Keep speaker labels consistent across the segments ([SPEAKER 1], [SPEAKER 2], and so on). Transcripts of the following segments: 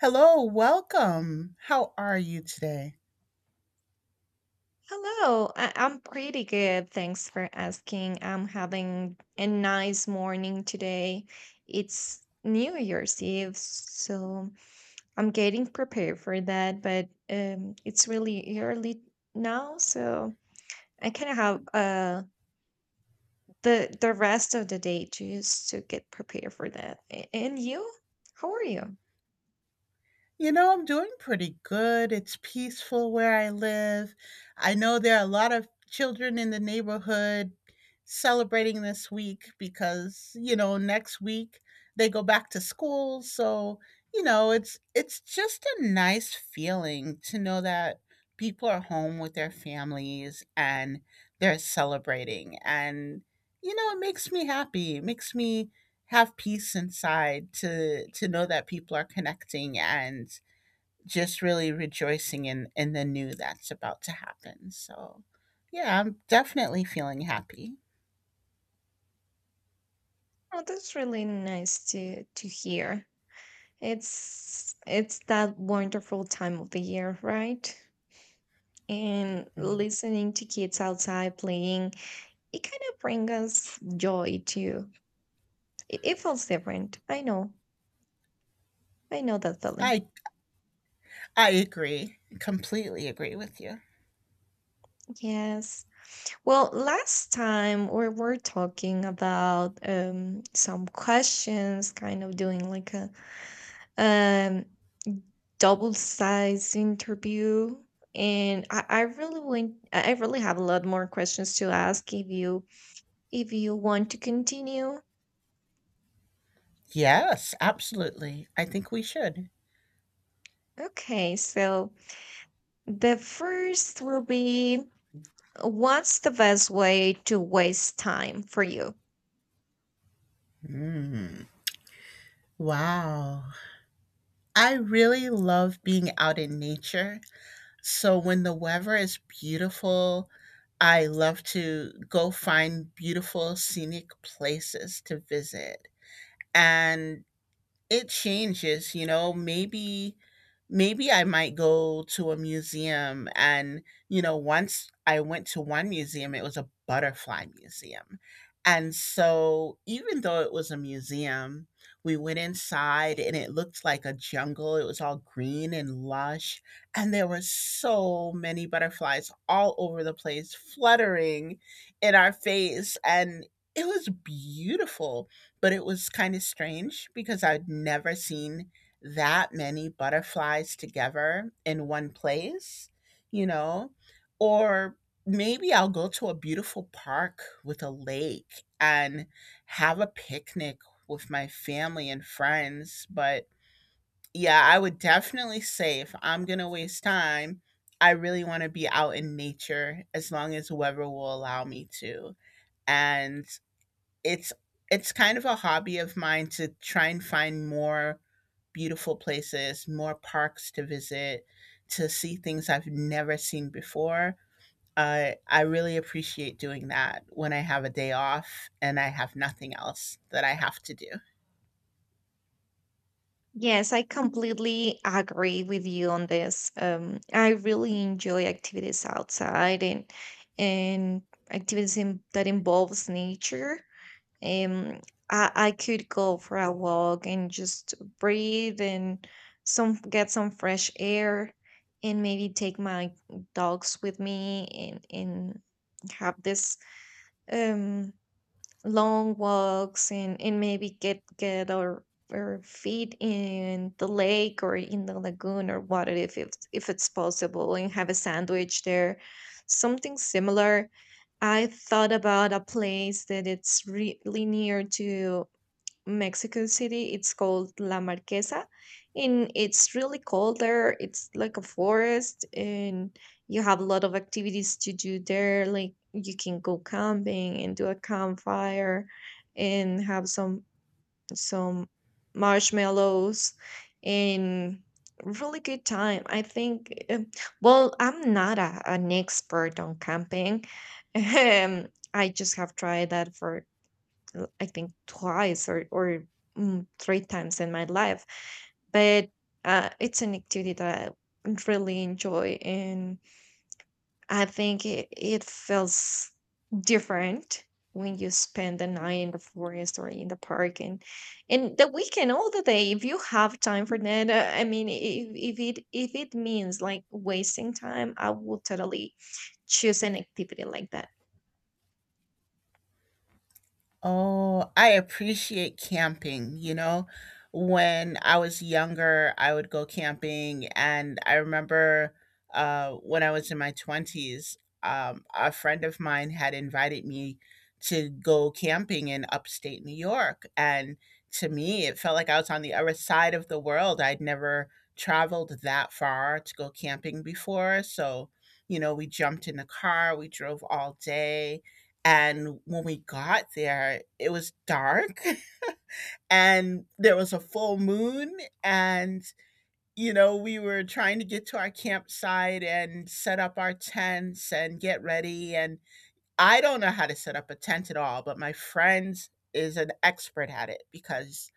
[SPEAKER 1] Hello, welcome. How are you today?
[SPEAKER 2] Hello, I'm pretty good. Thanks for asking. I'm having a nice morning today. It's New Year's Eve, so I'm getting prepared for that, but it's really early now, so I kind of have the rest of the day just to get prepared for that. And you? How are you?
[SPEAKER 1] You know, I'm doing pretty good. It's peaceful where I live. I know there are a lot of children in the neighborhood celebrating this week because, you know, next week they go back to school, so, you know, it's just a nice feeling to know that people are home with their families and they're celebrating and you know, it makes me happy. It makes me have peace inside to know that people are connecting and just really rejoicing in the new that's about to happen. So, yeah, I'm definitely feeling happy.
[SPEAKER 2] Oh, that's really nice to hear. It's that wonderful time of the year, right? And
[SPEAKER 1] Mm.
[SPEAKER 2] listening to kids outside playing it kind of brings us joy too. It feels different. I know, I know that feeling.
[SPEAKER 1] I I agree. Completely agree with you.
[SPEAKER 2] Yes, well, last time we were talking about some questions, kind of doing like a um double size interview, and I really want, I really have a lot more questions to ask if you, if you want to continue.
[SPEAKER 1] Yes, absolutely. I think we should.
[SPEAKER 2] Okay, so the first will be, what's the best way to waste time for you?
[SPEAKER 1] Mm. Wow. I really love being out in nature. So when the weather is beautiful, I love to go find beautiful scenic places to visit. And it changes, you know. Maybe maybe I might go to a museum, and you know, once I went to one museum, it was a butterfly museum. And so even though it was a museum, we went inside and it looked like a jungle. It was all green and lush, and there were so many butterflies all over the place fluttering in our face, and it was beautiful. But it was kind of strange because I'd never seen that many butterflies together in one place, you know? Or maybe I'll go to a beautiful park with a lake and have a picnic with my family and friends. But yeah, I would definitely say if I'm going to waste time, I really want to be out in nature as long as the weather will allow me to. And it's it's kind of a hobby of mine to try and find more beautiful places, more parks to visit, to see things I've never seen before. I really appreciate doing that when I have a day off and I have nothing else that I have to do.
[SPEAKER 2] Yes, I completely agree with you on this. I really enjoy activities outside, and activities in, that involves nature. Um, I could go for a walk and just breathe and some get some fresh air, and maybe take my dogs with me, and have this um long walks, and maybe get our feet in the lake or in the lagoon or water if it's possible, and have a sandwich there, something similar. I thought about a place that it's really near to Mexico City. It's called La Marquesa, and it's really cold there. It's like a forest, and you have a lot of activities to do there. Like you can go camping and do a campfire, and have some marshmallows, and really good time, I think. Well, I'm not a, an expert on camping. Um, I just have tried that for I think twice or three times in my life, but it's an activity that I really enjoy, and I think it feels different when you spend the night in the forest or in the park, and the weekend all the day if you have time for that. I mean, if it means like wasting time, I would totally choose an activity like that.
[SPEAKER 1] Oh, I appreciate camping, you know? When I was younger, I would go camping, and I remember when I was in my 20s, a friend of mine had invited me to go camping in upstate New York. And to me, it felt like I was on the other side of the world. I'd never traveled that far to go camping before. So, you know, we jumped in the car, we drove all day and when we got there, it was dark and there was a full moon. And, you know, we were trying to get to our campsite and set up our tents and get ready. And I don't know how to set up a tent at all, but my friend is an expert at it because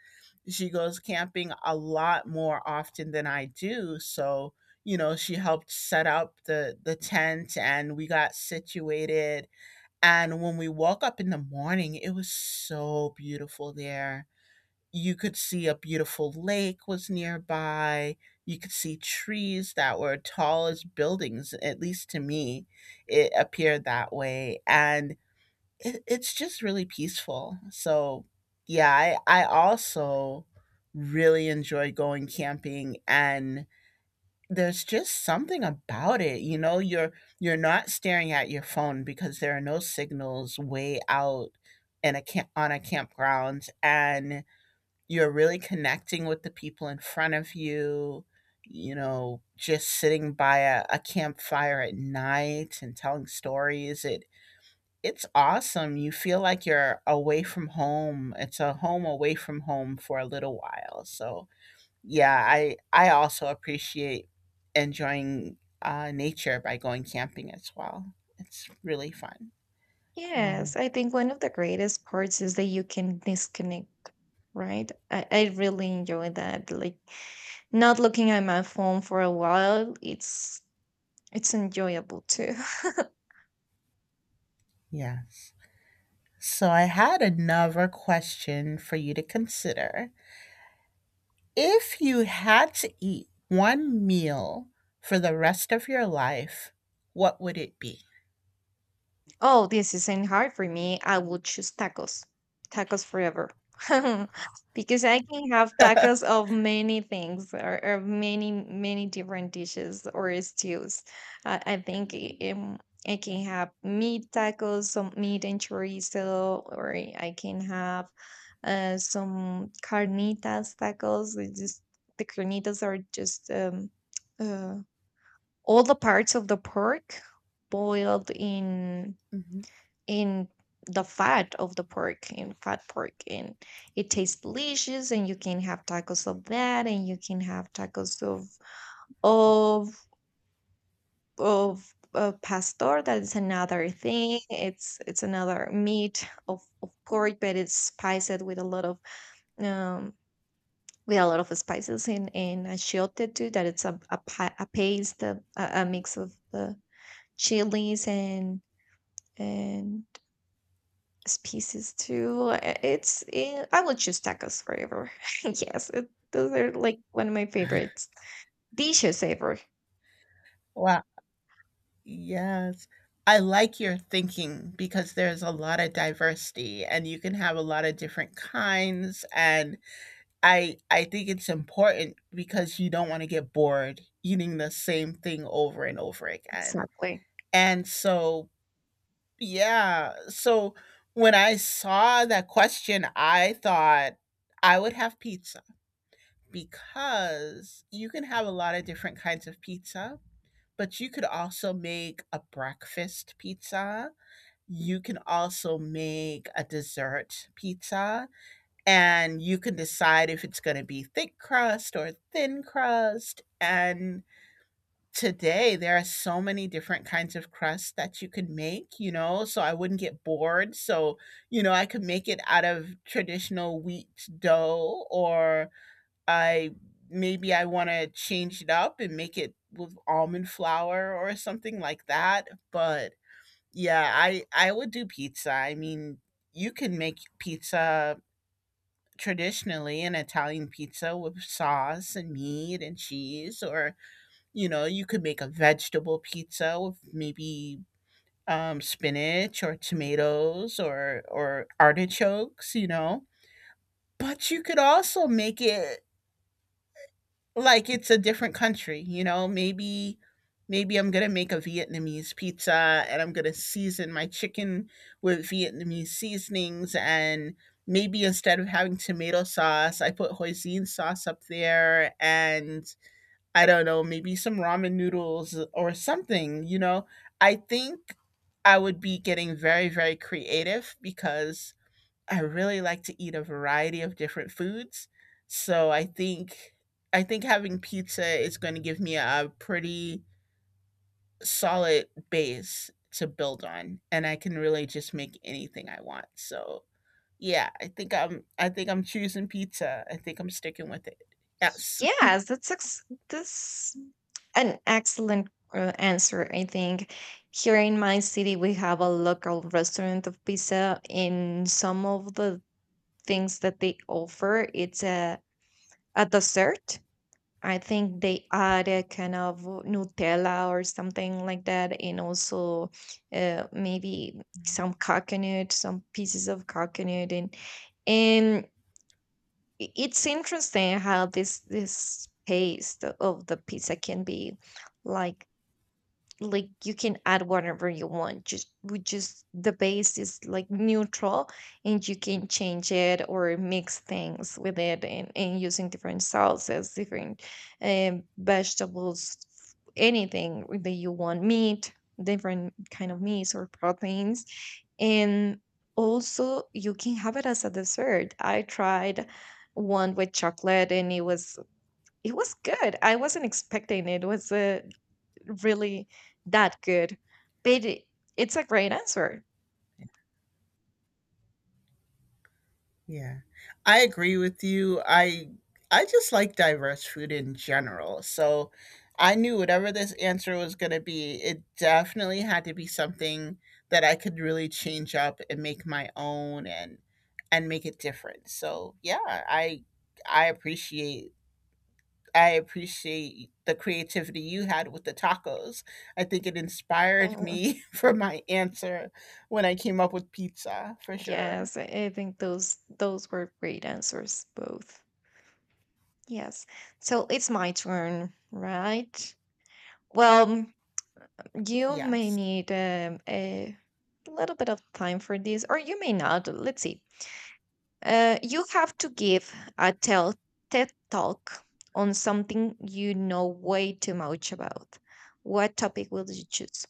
[SPEAKER 1] she goes camping a lot more often than I do. So, you know, she helped set up the tent and we got situated, and when we woke up in the morning, it was so beautiful there. You could see a beautiful lake was nearby. You could see trees that were tall as buildings, at least to me, it appeared that way. And it, it's just really peaceful. So, yeah, I also really enjoy going camping, and there's just something about it, you know, you're not staring at your phone because there are no signals way out in a camp on a campground, and you're really connecting with the people in front of you, you know, just sitting by a campfire at night and telling stories. It it's awesome. You feel like you're away from home. It's a home away from home for a little while. So yeah, I also appreciate enjoying nature by going camping as well. It's really fun. um,
[SPEAKER 2] Yes, I think one of the greatest parts is that you can disconnect, right? I really enjoy that. Like not looking at my phone for a while, it's enjoyable too.
[SPEAKER 1] yes, so I had another question for you to consider. If you had to eat one meal for the rest of your life, what would it be?
[SPEAKER 2] Oh, this isn't hard for me. I would choose tacos. Tacos forever. Because I can have
[SPEAKER 1] Yeah,
[SPEAKER 2] tacos of many things, or many, many different dishes or stews. I think I
[SPEAKER 1] yeah.
[SPEAKER 2] can have meat tacos, some meat and chorizo, or I can have some carnitas tacos. It's just, the carnitas are just uh, all the parts of the pork boiled
[SPEAKER 1] Mhm.
[SPEAKER 2] in the fat of the pork, in fat pork, and it tastes delicious, and you can have tacos of that, and you can have tacos of of pastor. That is another thing. It's another meat of pork, but it's spiced with a lot of um with a lot of spices, and achiote too, that it's a paste, a mix of the chilies and species too. It's I will choose tacos forever. Yes, it, those are like one of my favorites dishes ever.
[SPEAKER 1] Wow. Yes. I like your thinking because there's a lot of diversity and you can have a lot of different kinds, and I think it's important because you don't want to get bored eating the same thing over and over again.
[SPEAKER 2] Exactly.
[SPEAKER 1] And so, yeah. So when I saw that question, I thought I would have pizza because you can have a lot of different kinds of pizza, but you could also make a breakfast pizza, you can also make a dessert pizza, and you can decide if it's going to be thick crust or thin crust. And today there are so many different kinds of crust that you can make, you know, so I wouldn't get bored. So, you know, I could make it out of traditional wheat dough, or I maybe I want to change it up and make it with almond flour or something like that, but yeah, I would do pizza. I mean, you can make pizza traditionally, an Italian pizza with sauce and meat and cheese, or you know, you could make a vegetable pizza with maybe spinach or tomatoes or artichokes. You know, but you could also make it like it's a different country, you know, maybe maybe I'm going to make a Vietnamese pizza and I'm going to season my chicken with Vietnamese seasonings, and maybe instead of having tomato sauce, I put hoisin sauce up there and I don't know, maybe some ramen noodles or something, you know. I think I would be getting very very creative because I really like to eat a variety of different foods. So I think having pizza is going to give me a pretty solid base to build on, and I can really just make anything I want. So, yeah, I think I'm choosing pizza. I think I'm sticking with it. Yes.
[SPEAKER 2] Yes, that's that's an excellent answer. I think here in my city we have a local restaurant of pizza, and some of the things that they offer, it's a dessert. I think they add a kind of Nutella or something like that, and also maybe some coconut, some pieces of coconut, and it's interesting how this taste of the pizza can be like like you can add whatever you want. Just we just, the base is like neutral, and you can change it or mix things with it, and using different sauces, different vegetables, anything that you want, meat, different kind of meats or proteins. And also you can have it as a dessert. I tried one with chocolate, and it was good. I wasn't expecting it, it was a really that good. But it, it's a great answer.
[SPEAKER 1] Yeah. I agree with you. I just like diverse food in general. So I knew whatever this answer was going to be, it definitely had to be something that I could really change up and make my own and make it different. So, yeah, I appreciate I appreciate the creativity you had with the tacos. I think it inspired
[SPEAKER 2] Mhm.
[SPEAKER 1] me for my answer when I came up with pizza, for sure.
[SPEAKER 2] Yes, I think those were great answers both. Yes. So it's my turn, right? Well, you may
[SPEAKER 1] Yes.
[SPEAKER 2] need a little bit of time for this, or you may not. Let's see. You have to give a tell TED talk on something you know way too much about. What topic will you choose?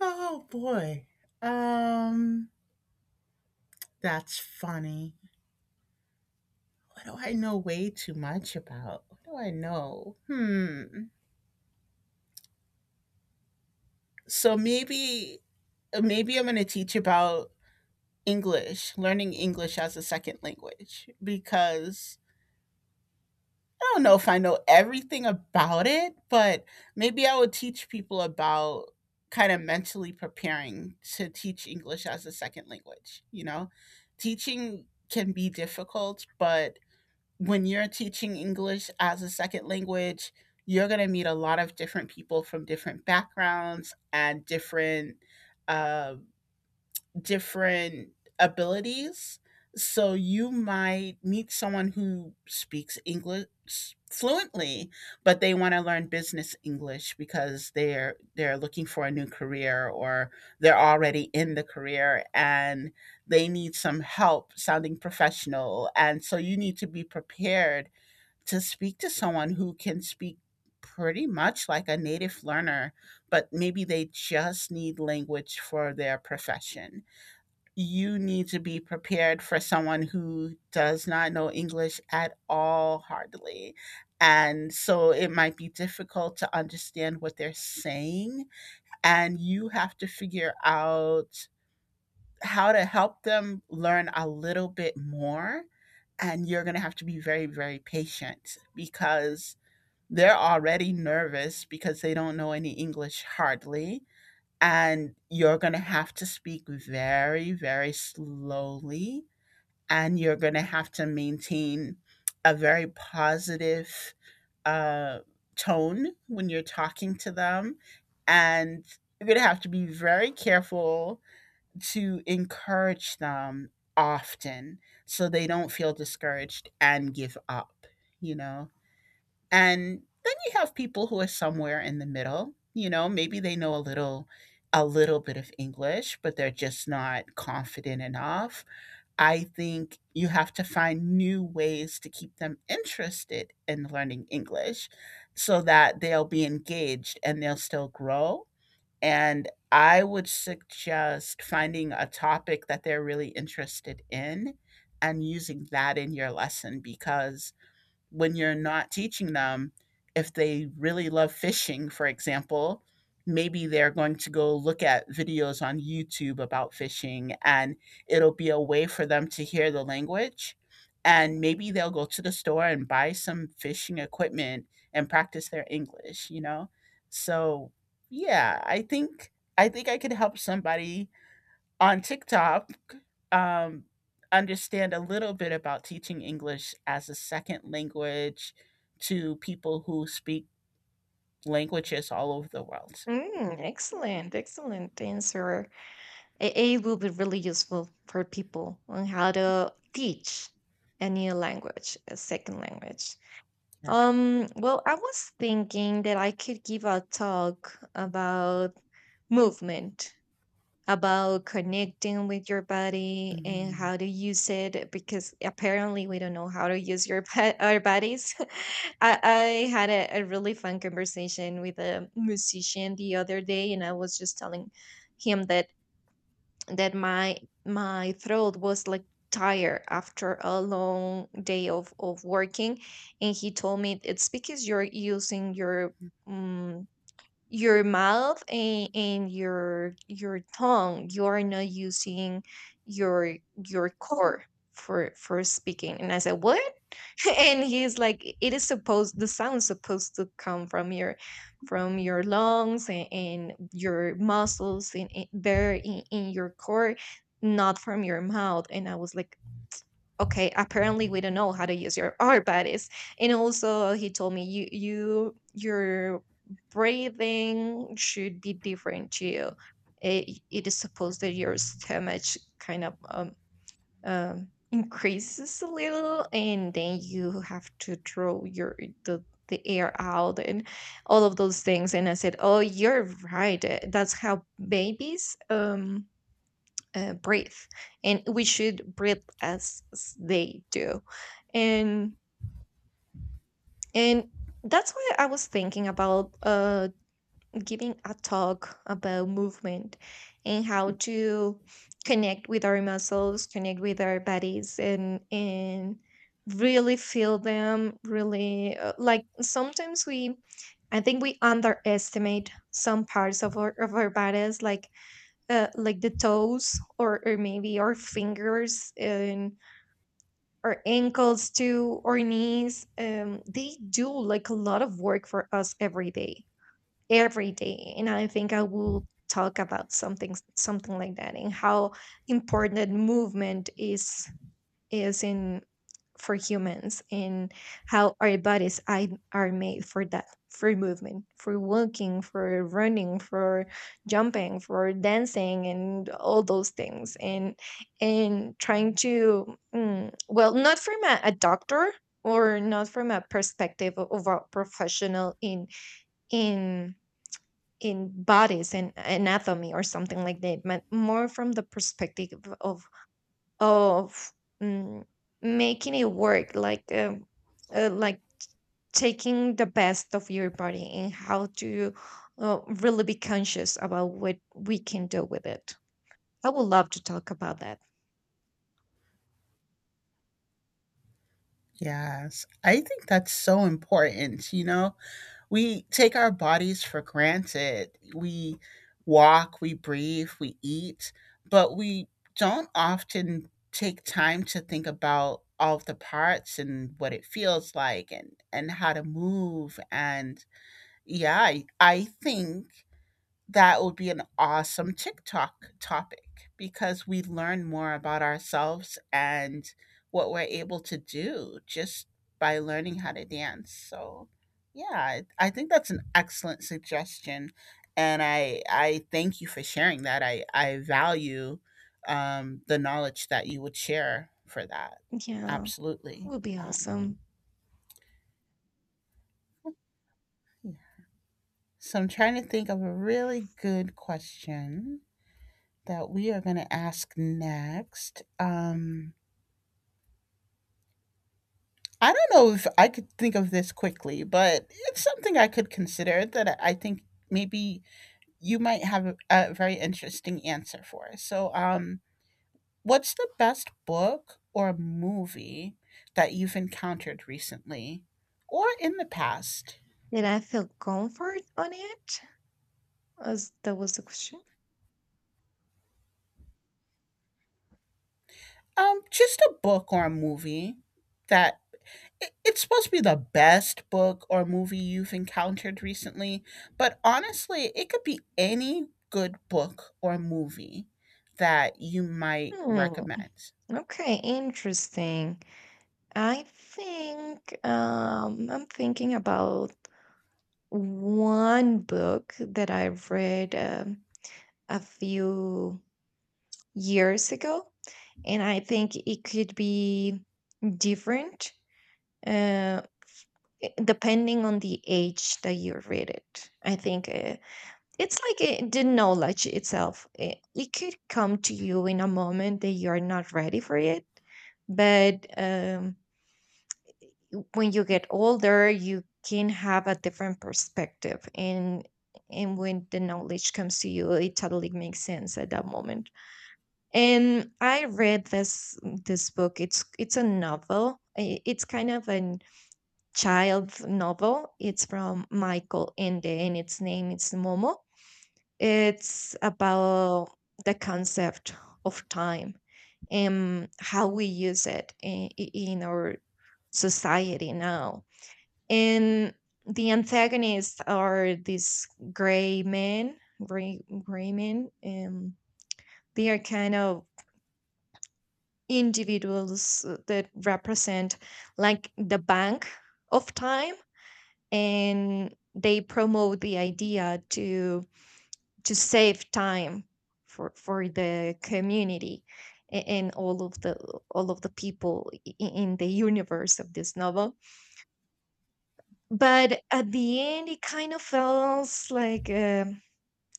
[SPEAKER 1] Oh boy. Um that's funny. What do I know way too much about? What do I know? Hmm. So maybe maybe I'm going to teach about English, learning English as a second language because I don't know if I know everything about it, but maybe I would teach people about kind of mentally preparing to teach English as a second language, you know? Teaching can be difficult, but when you're teaching English as a second language, you're going to meet a lot of different people from different backgrounds and different uh, different abilities. So you might meet someone who speaks English fluently, but they want to learn business English because they're looking for a new career or they're already in the career and they need some help sounding professional. And so you need to be prepared to speak to someone who can speak pretty much like a native learner, but maybe they just need language for their profession. You need to be prepared for someone who does not know English at all, hardly. And so it might be difficult to understand what they're saying. And you have to figure out how to help them learn a little bit more. And you're going to have to be very, very patient because they're already nervous because they don't know any English hardly. And you're going to have to speak very, very slowly. And you're going to have to maintain a very positive uh, tone when you're talking to them. And you're going to have to be very careful to encourage them often so they don't feel discouraged and give up, you know? And then you have people who are somewhere in the middle, you know, maybe they know a little bit of English, but they're just not confident enough. I think you have to find new ways to keep them interested in learning English so that they'll be engaged and they'll still grow. And I would suggest finding a topic that they're really interested in and using that in your lesson because when you're not teaching them, if they really love fishing, for example, maybe they're going to go look at videos on YouTube about fishing and it'll be a way for them to hear the language. And maybe they'll go to the store and buy some fishing equipment and practice their English, you know? So yeah, I think I think I could help somebody on TikTok um, understand a little bit about teaching English as a second language to people who speak languages all over the world.
[SPEAKER 2] Mm, excellent, excellent answer. A it will be really useful for people on how to teach a new language, a second language.
[SPEAKER 1] Yeah.
[SPEAKER 2] Well, I was thinking that I could give a talk about movement, about connecting with your body and
[SPEAKER 1] Mhm.
[SPEAKER 2] how to use it, because apparently we don't know how to use your our bodies. I had a really fun conversation with a musician the other day, and I was just telling him that that my my throat was like tired after a long day of working, and he told me it's because you're using your mm, your mouth, and your tongue. You are not using your your core for speaking. And I said, what? And he's like, it is supposed the sound's supposed to come from your lungs, and your muscles, and there in your core, not from your mouth. And I was like, okay, apparently we don't know how to use your our bodies. And also he told me, you your breathing should be different too. It is supposed that your stomach kind of increases a little, and then you have to throw your the the air out and all of those things. And I said, oh, you're right. That's how babies breathe, and we should breathe as they do. and and that's why I was thinking about giving a talk about movement, and how to connect with our muscles, connect with our bodies, and really feel them, really. Like sometimes we, I think we underestimate some parts of our bodies, like the toes, or maybe our fingers, and our ankles too, or knees. Um, they do like a lot of work for us every day, every day. And I think I will talk about something like that, and how important movement is in for humans, and how our bodies are made for that, for movement, for walking, for running, for jumping, for dancing, and all those things. And trying to well, not from a doctor, or not from a perspective of a professional in in in bodies and anatomy or something like that, but more from the perspective of of mm, making it work, like taking the best of your body, and how to really be conscious about what we can do with it. I would love to talk about that.
[SPEAKER 1] Yes, I think that's so important, you know? We take our bodies for granted. We walk, we breathe, we eat, but we don't often take time to think about all of the parts and what it feels like and how to move, and yeah, I think that would be an awesome TikTok topic because we learn more about ourselves and what we're able to do just by learning how to dance. So, yeah, I think that's an excellent suggestion. And I thank you for sharing that. I value the knowledge that you would share for that.
[SPEAKER 2] Yeah,
[SPEAKER 1] Absolutely.
[SPEAKER 2] would be
[SPEAKER 1] Um,
[SPEAKER 2] awesome.
[SPEAKER 1] yeah. So, I'm trying to think of a really good question that we are going to ask next. I don't know if I could think of this quickly, but it's something I could consider that I think maybe you might have a very interesting answer for. So, what's the best book or movie that you've encountered recently or in the past?
[SPEAKER 2] Did I feel comfort on it? Was that was the question?
[SPEAKER 1] Just a book or a movie that it's supposed to be the best book or movie you've encountered recently, but honestly, it could be any good book or movie that you might
[SPEAKER 2] Hmm,
[SPEAKER 1] recommend.
[SPEAKER 2] okay, interesting. I think I'm thinking about one book that I read a few years ago, and I think it could be different uh, depending on the age that you read it. I think it's like the knowledge itself. It could come to you in a moment that you are not ready for it. But when you get older, you can have a different perspective. And when the knowledge comes to you, it totally makes sense at that moment. And I read this book. It's a novel. It's kind of a child novel. It's from Michael Ende, and its name is Momo. It's about the concept of time, and how we use it in our society now. And the antagonists are these gray men, gray men, and they are kind of individuals that represent like the bank of time, and they promote the idea to save time for the community, and all of the people in the universe of this novel. But at the end, it kind of feels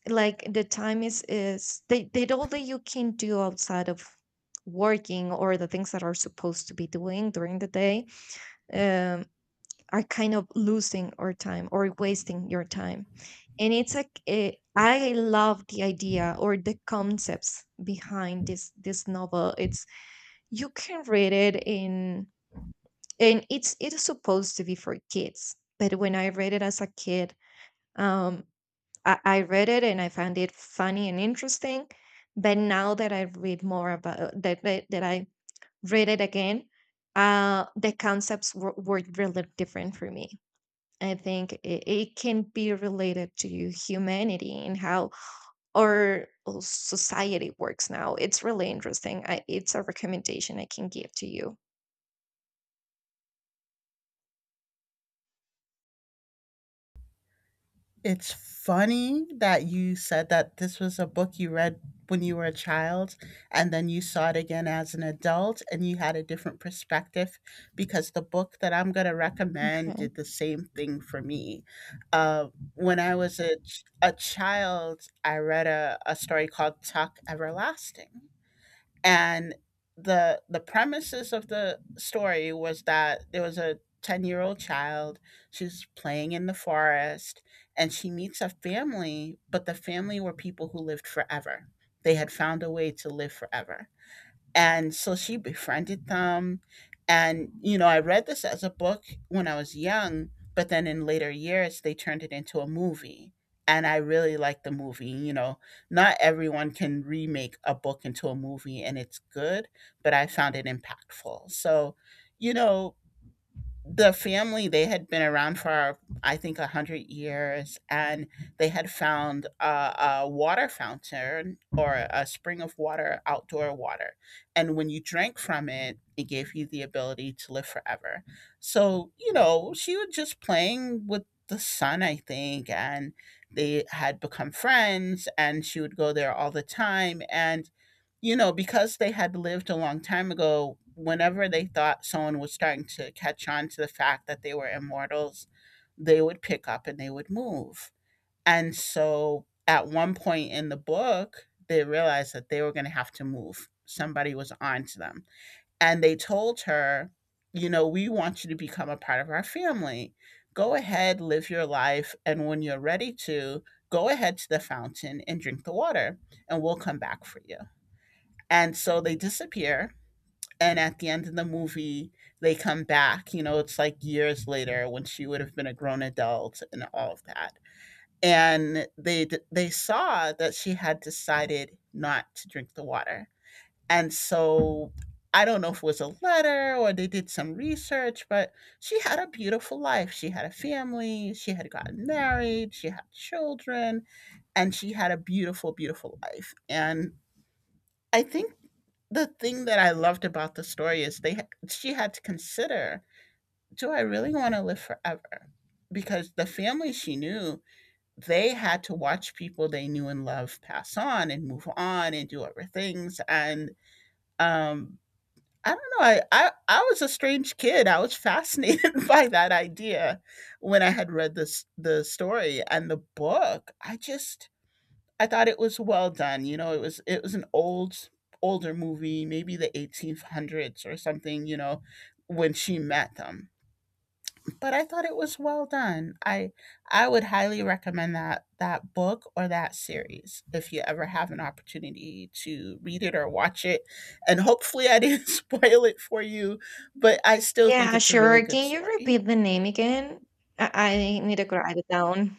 [SPEAKER 2] like the time is they did all that you can do outside of working, or the things that are supposed to be doing during the day, um are kind of losing our time or wasting your time. And it's like I love the idea or the concepts behind this novel. It's you can read it in, and it's it is supposed to be for kids, but when I read it as a kid, um I read it and I found it funny and interesting, but now that I read more about that I read it again, the concepts were really different for me. I think it, it can be related to humanity, and how our society works now. It's really interesting. I, it's a recommendation I can give to you.
[SPEAKER 1] It's funny that you said that this was a book you read when you were a child and then you saw it again as an adult and you had a different perspective because the book that I'm going to recommend
[SPEAKER 2] Okay.
[SPEAKER 1] did the same thing for me. Uh, when I was a child, I read a story called Tuck Everlasting, and the premises of the story was that there was a 10-year-old child. She's playing in the forest and she meets a family, but the family were people who lived forever. They had found a way to live forever, and so she befriended them. And you know, I read this as a book when I was young, but then in later years they turned it into a movie, and I really like the movie. You know, not everyone can remake a book into a movie and it's good, but I found it impactful. So you know, the family, they had been around for, I think, 100 years, and they had found a water fountain or a spring of water, outdoor water, and when you drank from it, it gave you the ability to live forever. So you know, she was just playing with the sun, I think, and they had become friends and she would go there all the time. And you know, because they had lived a long time ago, whenever they thought someone was starting to catch on to the fact that they were immortals, they would pick up and they would move. And so at one point in the book, they realized that they were going to have to move. Somebody was on to them. And they told her, you know, we want you to become a part of our family. Go ahead, live your life. And when you're ready to, go ahead to the fountain and drink the water, and we'll come back for you. And so they disappear. And at the end of the movie, they come back. You know, it's like years later when she would have been a grown adult and all of that. And they saw that she had decided not to drink the water. And so I don't know if it was a letter or they did some research, but she had a beautiful life. She had a family, she had gotten married, she had children, and she had a beautiful, beautiful life. And I think the thing that I loved about the story is they, she had to consider, do I really want to live forever? Because the family she knew, they had to watch people they knew and loved pass on and move on and do other things. And um, I don't know, I was a strange kid. I was fascinated by that idea when I had read this the story and the book. I just, I thought it was well done. You know, it was, it was an old older movie, maybe the 1800s or something, you know, when she met them. But I thought it was well done. I would highly recommend that that book or that series if you ever have an opportunity to read it or watch it. And hopefully I didn't spoil it for you, but I still think
[SPEAKER 2] Yeah,
[SPEAKER 1] it's a really
[SPEAKER 2] sure.
[SPEAKER 1] good
[SPEAKER 2] Can you
[SPEAKER 1] story.
[SPEAKER 2] repeat the name again? I need to write it down.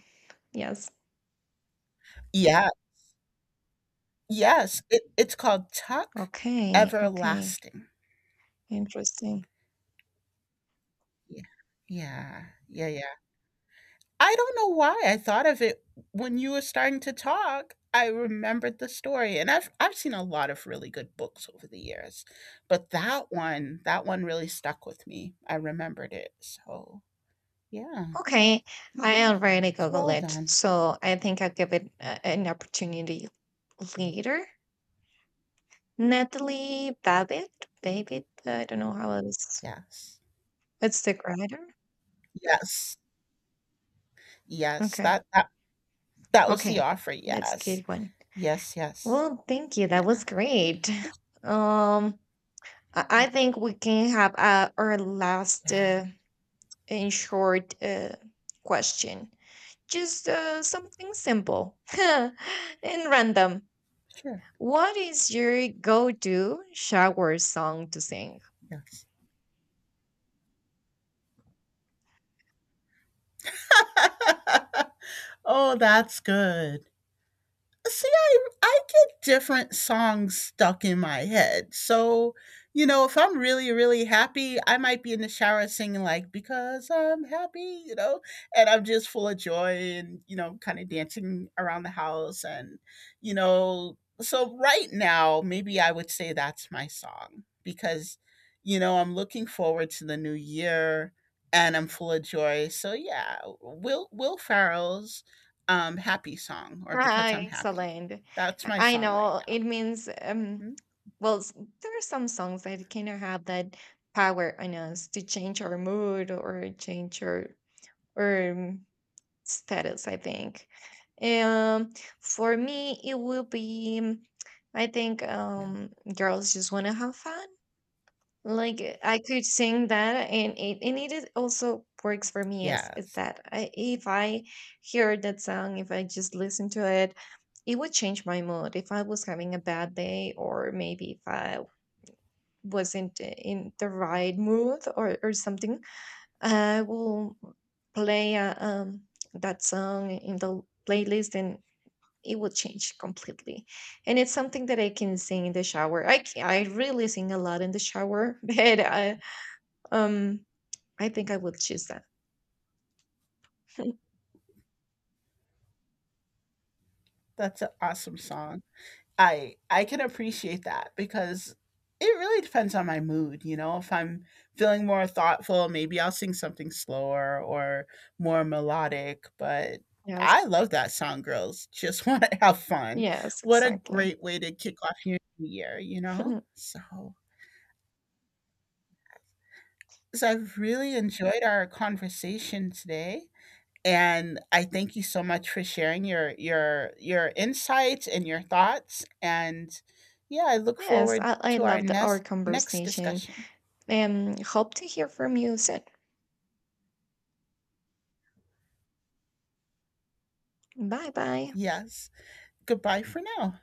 [SPEAKER 2] Yes.
[SPEAKER 1] Yeah. Yes, it's called Tuck
[SPEAKER 2] Okay. Okay.
[SPEAKER 1] Everlasting.
[SPEAKER 2] Interesting.
[SPEAKER 1] Yeah. Yeah. Yeah. I don't know why I thought of it when you were starting to talk. I remembered the story, and I've seen a lot of really good books over the years, but that one, that one really stuck with me. I remembered it, so yeah,
[SPEAKER 2] Okay. I already
[SPEAKER 1] it's
[SPEAKER 2] Google
[SPEAKER 1] well
[SPEAKER 2] it.
[SPEAKER 1] done.
[SPEAKER 2] So I think I'll give it an opportunity later. Natalie Babbitt, Babbitt, I don't know how it is.
[SPEAKER 1] Yes,
[SPEAKER 2] It's stick Rider?
[SPEAKER 1] yes, yes.
[SPEAKER 2] Okay.
[SPEAKER 1] That that was the
[SPEAKER 2] Okay.
[SPEAKER 1] offer.
[SPEAKER 2] That's
[SPEAKER 1] Yes,
[SPEAKER 2] good one.
[SPEAKER 1] yes, yes.
[SPEAKER 2] Well, thank you. That
[SPEAKER 1] Yeah,
[SPEAKER 2] was great.
[SPEAKER 1] it's
[SPEAKER 2] Um, I
[SPEAKER 1] sure.
[SPEAKER 2] think we can have our last
[SPEAKER 1] Yeah,
[SPEAKER 2] in short question. Just something simple and random.
[SPEAKER 1] sure.
[SPEAKER 2] What is your go-to shower song to sing?
[SPEAKER 1] Yes. Oh, that's good. See, I get different songs stuck in my head. So, you know, if I'm really, really happy, I might be in the shower singing like "Because I'm Happy," you know, and I'm just full of joy and you know, kind of dancing around the house and you know. So right now, maybe I would say that's my song because you know, I'm looking forward to the new year and I'm full of joy. So yeah, Will Farrell's happy song, or
[SPEAKER 2] Ah,
[SPEAKER 1] "Because I'm Happy,"
[SPEAKER 2] excellent.
[SPEAKER 1] that's my
[SPEAKER 2] I
[SPEAKER 1] song right
[SPEAKER 2] know
[SPEAKER 1] now.
[SPEAKER 2] it means
[SPEAKER 1] Hmm?
[SPEAKER 2] well there are some songs that kind of have that power on us to change our mood, or change our, or status, I think. Um, for me it will be I think
[SPEAKER 1] Yeah.
[SPEAKER 2] Girls Just Want to Have Fun. Like I could sing that, and it, and it is also works for me. Is
[SPEAKER 1] Yes,
[SPEAKER 2] that I, if I hear that song, if I just listen to it, it would change my mood. If I was having a bad day, or maybe if I wasn't in the right mood, or something, I will play that song in the playlist, and it will change completely. And it's something that I can sing in the shower. I really sing a lot in the shower, but um, I think I would choose that.
[SPEAKER 1] that's an awesome song. I can appreciate that because it really depends on my mood. You know, if I'm feeling more thoughtful, maybe I'll sing something slower or more melodic, but
[SPEAKER 2] Yes.
[SPEAKER 1] I love that song "Girls Just Want to Have Fun."
[SPEAKER 2] Yes,
[SPEAKER 1] What a
[SPEAKER 2] exactly.
[SPEAKER 1] great way to kick off your new year, you know? So I've really enjoyed our conversation today. And I thank you so much for sharing your your insights and your thoughts. And yeah, I look
[SPEAKER 2] Yes,
[SPEAKER 1] forward
[SPEAKER 2] I
[SPEAKER 1] to our
[SPEAKER 2] love the our
[SPEAKER 1] next
[SPEAKER 2] conversation
[SPEAKER 1] discussion.
[SPEAKER 2] and hope to hear from you soon. Bye bye.
[SPEAKER 1] Yes. Goodbye for now.